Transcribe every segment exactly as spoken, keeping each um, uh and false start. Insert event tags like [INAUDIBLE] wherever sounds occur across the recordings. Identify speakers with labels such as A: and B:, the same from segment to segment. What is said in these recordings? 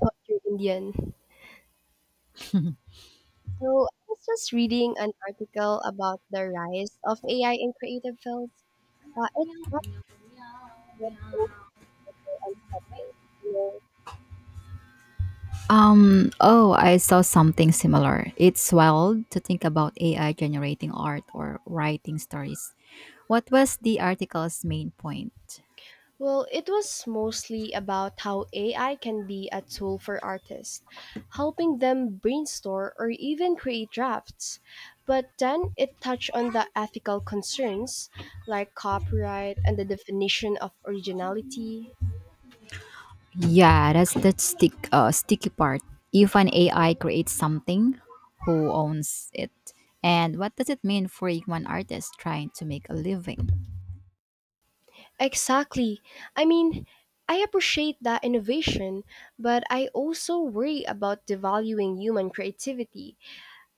A: Thought you Indian.
B: [LAUGHS]
A: So I was just reading an article about the rise of A I in creative fields. Uh, it's fascinating and unsettling. You know?
B: um, Oh, I saw something similar. It's wild to think about A I generating art or writing stories. What was the article's main point?
A: Well, it was mostly about how A I can be a tool for artists, helping them brainstorm or even create drafts. But then it touched on the ethical concerns like copyright and the definition of originality.
B: Yeah, that's the stick, uh, sticky part. If an A I creates something, who owns it? And what does it mean for one artist trying to make a living?
A: Exactly. I mean, I appreciate that innovation, but I also worry about devaluing human creativity.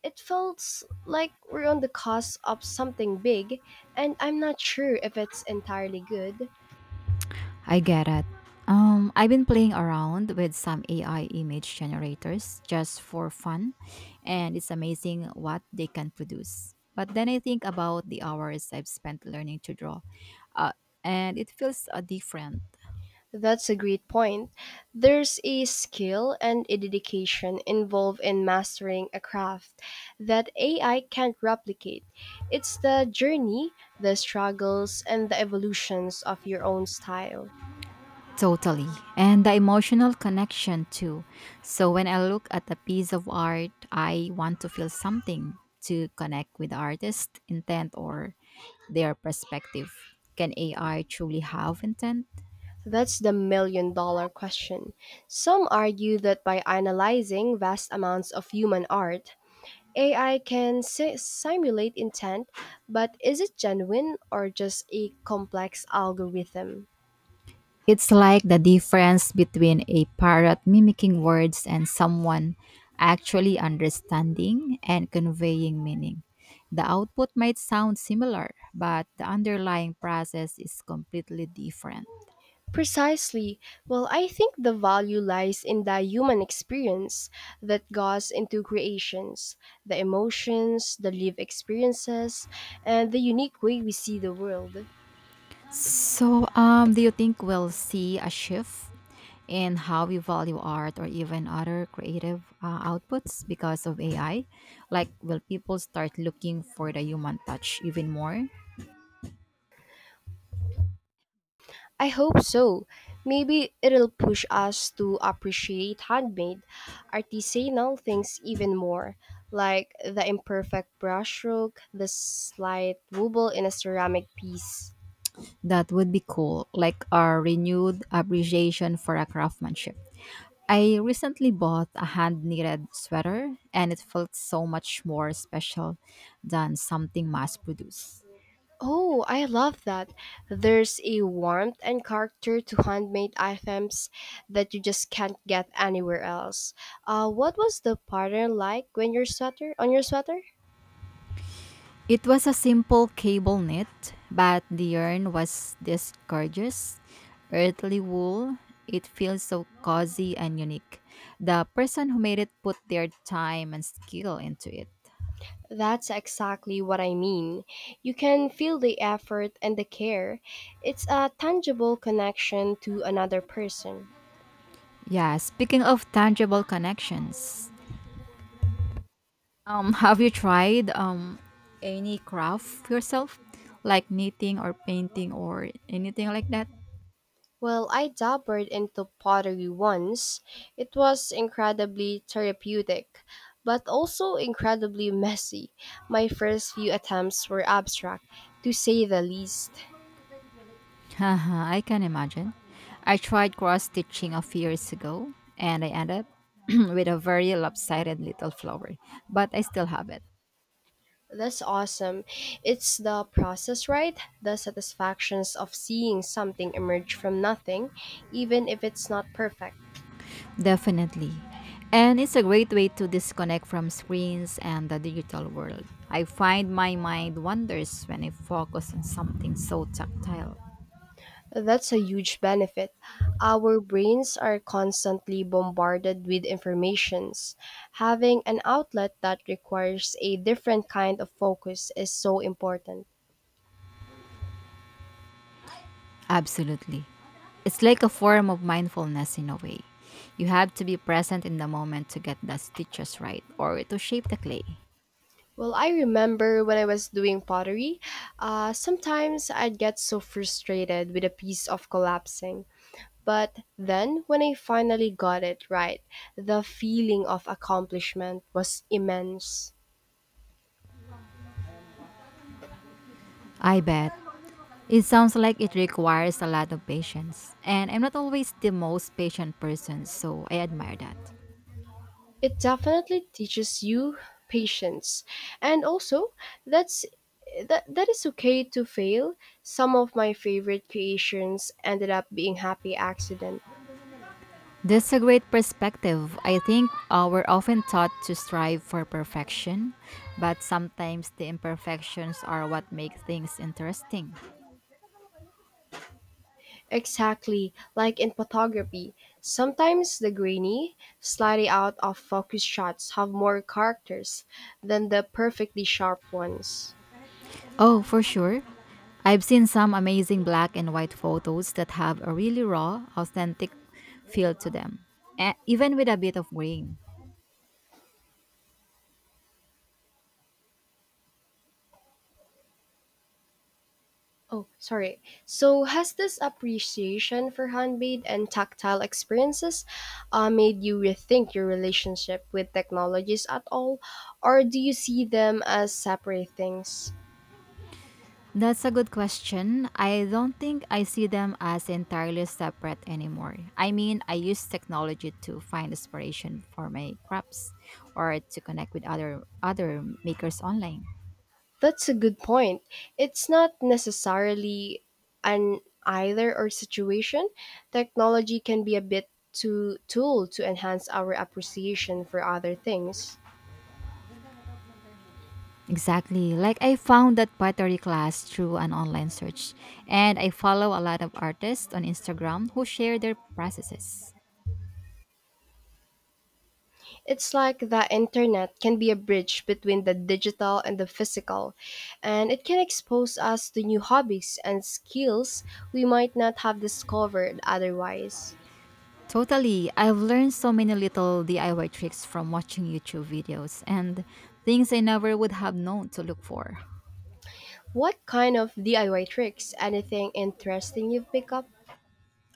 A: It feels like we're on the cusp of something big, and I'm not sure if it's entirely good.
B: I get it. Um, I've been playing around with some A I image generators just for fun, and it's amazing what they can produce. But then I think about the hours I've spent learning to draw, uh, and it feels uh, different.
A: That's a great point. There's a skill and a dedication involved in mastering a craft that A I can't replicate. It's the journey, the struggles, and the evolutions of your own style.
B: Totally. And the emotional connection too. So when I look at a piece of art, I want to feel something to connect with the artist's intent or their perspective. Can A I truly have intent?
A: That's the million dollar question. Some argue that by analyzing vast amounts of human art, A I can si- simulate intent, but is it genuine or just a complex algorithm?
B: It's like the difference between a parrot mimicking words and someone actually understanding and conveying meaning. The output might sound similar, but the underlying process is completely different.
A: Precisely. Well, I think the value lies in the human experience that goes into creations, the emotions, the lived experiences, and the unique way we see the world.
B: So, um, do you think we'll see a shift in how we value art or even other creative uh, outputs because of A I? Like, will people start looking for the human touch even more?
A: I hope so. Maybe it'll push us to appreciate handmade, artisanal things even more, like the imperfect brushstroke, the slight wobble in a ceramic piece.
B: That would be cool, like a renewed appreciation for a craftsmanship. I recently bought a hand knitted sweater, and it felt so much more special than something mass produced.
A: Oh, I love that. There's a warmth and character to handmade items that you just can't get anywhere else. Uh, what was the pattern like when your sweater on your sweater?
B: It was a simple cable knit, but the yarn was this gorgeous, earthly wool. It feels so cozy and unique. The person who made it put their time and skill into it.
A: That's exactly what I mean. You can feel the effort and the care. It's a tangible connection to another person.
B: Yeah, speaking of tangible connections, Um, [LAUGHS] have you tried um any craft yourself, like knitting or painting or anything like that?
A: Well, I dabbled into pottery once. It was incredibly therapeutic, but also incredibly messy. My first few attempts were abstract, to say the least.
B: [LAUGHS] Haha, I can imagine. I tried cross stitching a few years ago, and I ended up [CLEARS THROAT] with a very lopsided little flower, but I still have it.
A: That's awesome. It's the process, right? The satisfactions of seeing something emerge from nothing, even if it's not perfect.
B: Definitely. And it's a great way to disconnect from screens and the digital world. I find my mind wanders when I focus on something so tactile.
A: That's a huge benefit. Our brains are constantly bombarded with informations. Having an outlet that requires a different kind of focus is so important.
B: Absolutely. It's like a form of mindfulness in a way. You have to be present in the moment to get the stitches right or to shape the clay.
A: Well, I remember when I was doing pottery, uh, sometimes I'd get so frustrated with a piece of collapsing. But then, when I finally got it right, the feeling of accomplishment was immense.
B: I bet. It sounds like it requires a lot of patience, and I'm not always the most patient person, so I admire that.
A: It definitely teaches you patience and also that's that, that is okay to fail. Some of my favorite creations ended up being happy accident.
B: That's a great perspective. I think uh, we're often taught to strive for perfection, but sometimes the imperfections are what make things interesting.
A: Exactly, like in photography, sometimes the grainy, slightly out of focus shots have more characters than the perfectly sharp ones.
B: Oh, for sure. I've seen some amazing black and white photos that have a really raw, authentic feel to them, e- even with a bit of grain.
A: Oh, sorry. So, has this appreciation for handmade and tactile experiences uh, made you rethink your relationship with technologies at all? Or do you see them as separate things?
B: That's a good question. I don't think I see them as entirely separate anymore. I mean, I use technology to find inspiration for my crops or to connect with other other makers online.
A: That's a good point. It's not necessarily an either or situation. Technology can be a bit too tool to enhance our appreciation for other things.
B: Exactly. Like I found that pottery class through an online search, and I follow a lot of artists on Instagram who share their processes.
A: It's like the internet can be a bridge between the digital and the physical, and it can expose us to new hobbies and skills we might not have discovered otherwise.
B: Totally. I've learned so many little D I Y tricks from watching YouTube videos and things I never would have known to look for.
A: What kind of D I Y tricks? Anything interesting you've picked up?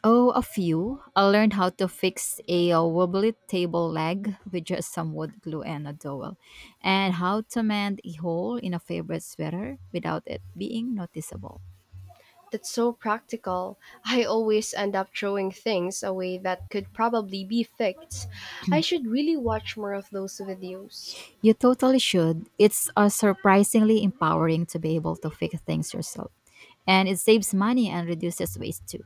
B: Oh, a few. I learned how to fix a uh, wobbly table leg with just some wood glue and a dowel, and how to mend a hole in a favorite sweater without it being noticeable.
A: That's so practical. I always end up throwing things away that could probably be fixed. I should really watch more of those videos.
B: You totally should. It's uh, surprisingly empowering to be able to fix things yourself, and it saves money and reduces waste too.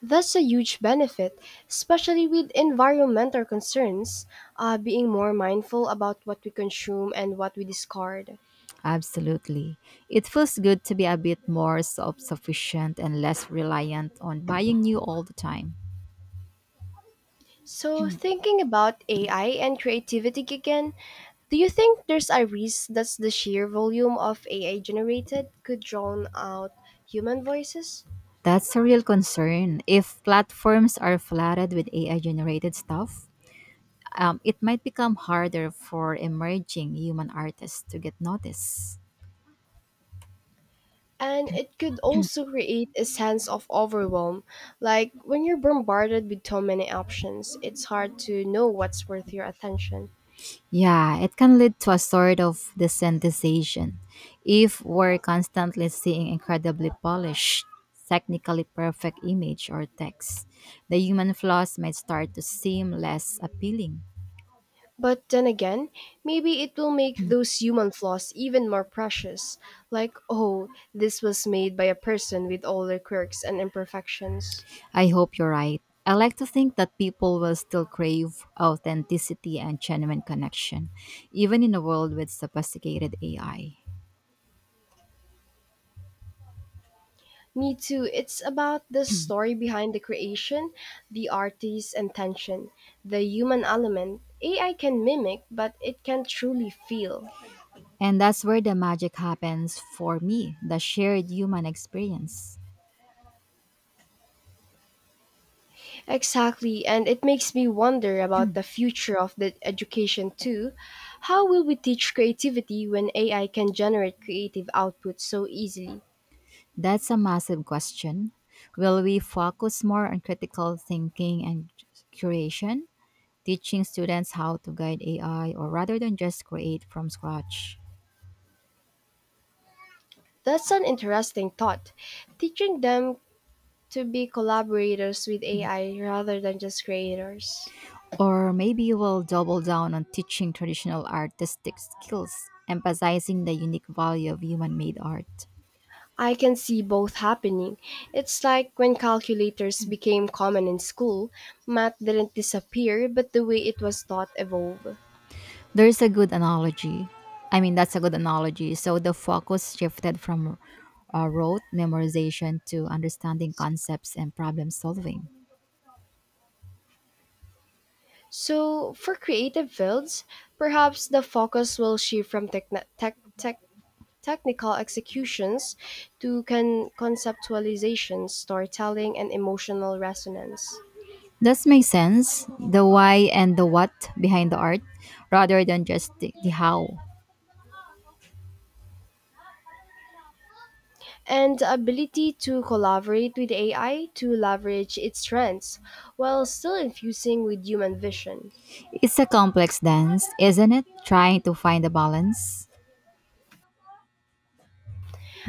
A: That's a huge benefit, especially with environmental concerns, uh, being more mindful about what we consume and what we discard.
B: Absolutely. It feels good to be a bit more self sufficient and less reliant on buying new all the time.
A: So, thinking about A I and creativity again, do you think there's a risk that the sheer volume of A I generated could drown out human voices?
B: That's a real concern. If platforms are flooded with A I generated stuff, um, it might become harder for emerging human artists to get noticed.
A: And it could also create a sense of overwhelm. Like when you're bombarded with so many options, it's hard to know what's worth your attention.
B: Yeah, it can lead to a sort of desensitization. If we're constantly seeing incredibly polished, technically perfect image or text, the human flaws might start to seem less appealing.
A: But then again, maybe it will make those human flaws even more precious. Like, oh, this was made by a person with all their quirks and imperfections.
B: I hope you're right. I like to think that people will still crave authenticity and genuine connection, even in a world with sophisticated A I.
A: Me too, it's about the story behind the creation, the artist's intention, the human element. A I can mimic, but it can't truly feel.
B: And that's where the magic happens for me, the shared human experience.
A: Exactly, and it makes me wonder about the future of the education too. How will we teach creativity when A I can generate creative output so easily?
B: That's a massive question. Will we focus more on critical thinking and curation, teaching students how to guide A I, or rather than just create from scratch?
A: That's an interesting thought. Teaching them to be collaborators with A I rather than just creators.
B: Or maybe we'll double down on teaching traditional artistic skills, emphasizing the unique value of human made art.
A: I can see both happening. It's like when calculators became common in school, math didn't disappear, but the way it was taught evolved.
B: There's a good analogy. I mean, that's a good analogy. So the focus shifted from uh, rote memorization to understanding concepts and problem solving.
A: So, for creative fields, perhaps the focus will shift from techn tech, tech, technical executions to con- conceptualization, storytelling, and emotional resonance.
B: This makes sense, the why and the what behind the art, rather than just the, the how.
A: And the ability to collaborate with A I to leverage its strengths while still infusing with human vision.
B: It's a complex dance, isn't it? Trying to find a balance.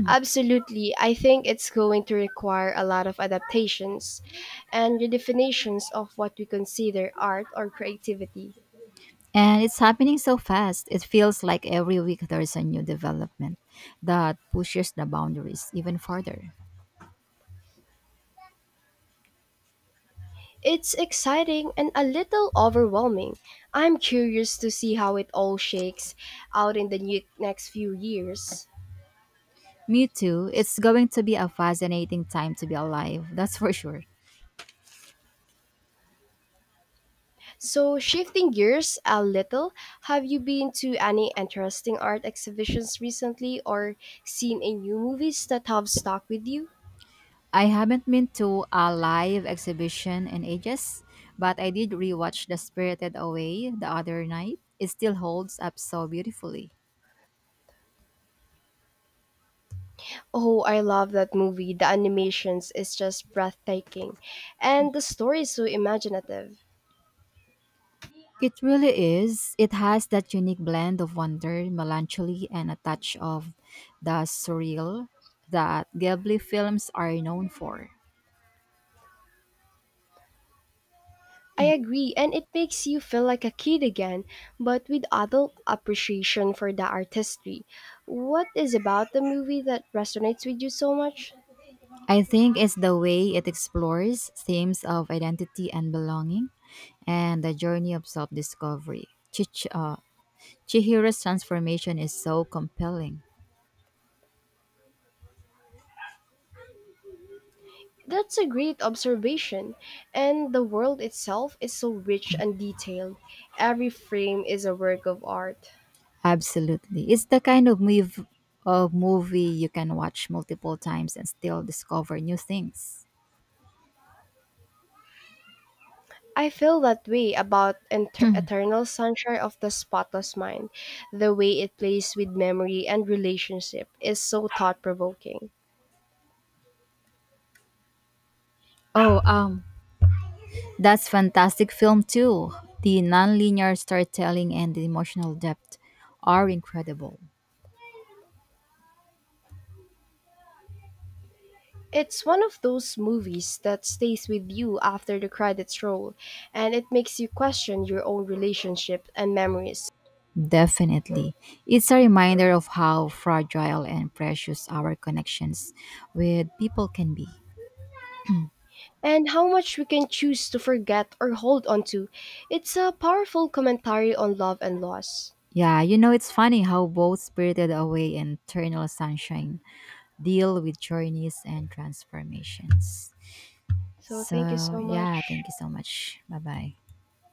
A: Absolutely, I think it's going to require a lot of adaptations and redefinitions of what we consider art or creativity.
B: And it's happening so fast, it feels like every week there's a new development that pushes the boundaries even further.
A: It's exciting and a little overwhelming. I'm curious to see how it all shakes out in the new, next few years.
B: Me too, it's going to be a fascinating time to be alive, that's for sure.
A: So, shifting gears a little, have you been to any interesting art exhibitions recently or seen any new movies that have stuck with you?
B: I haven't been to a live exhibition in ages, but I did rewatch The Spirited Away the other night. It still holds up so beautifully.
A: Oh, I love that movie. The animations is just breathtaking, and the story is so imaginative.
B: It really is. It has that unique blend of wonder, melancholy, and a touch of the surreal that Ghibli films are known for.
A: I agree, and it makes you feel like a kid again, but with adult appreciation for the artistry. What is about the movie that resonates with you so much?
B: I think it's the way it explores themes of identity and belonging and the journey of self discovery. Chich- uh, Chihira's transformation is so compelling.
A: That's a great observation. And the world itself is so rich and detailed. Every frame is a work of art.
B: Absolutely. It's the kind of move of movie you can watch multiple times and still discover new things.
A: I feel that way about Enter- Eternal Sunshine of the Spotless Mind. The way it plays with memory and relationship is so thought provoking.
B: Oh, um, that's fantastic film too. The nonlinear storytelling and the emotional depth are incredible.
A: It's one of those movies that stays with you after the credits roll, and it makes you question your own relationship and memories.
B: Definitely. It's a reminder of how fragile and precious our connections with people can be.
A: And how much we can choose to forget or hold on to. It's a powerful commentary on love and loss.
B: Yeah, you know, it's funny how both Spirited Away and Eternal Sunshine deal with journeys and transformations.
A: So thank you
B: So,
A: so
B: yeah,
A: much.
B: thank you so much. Bye bye.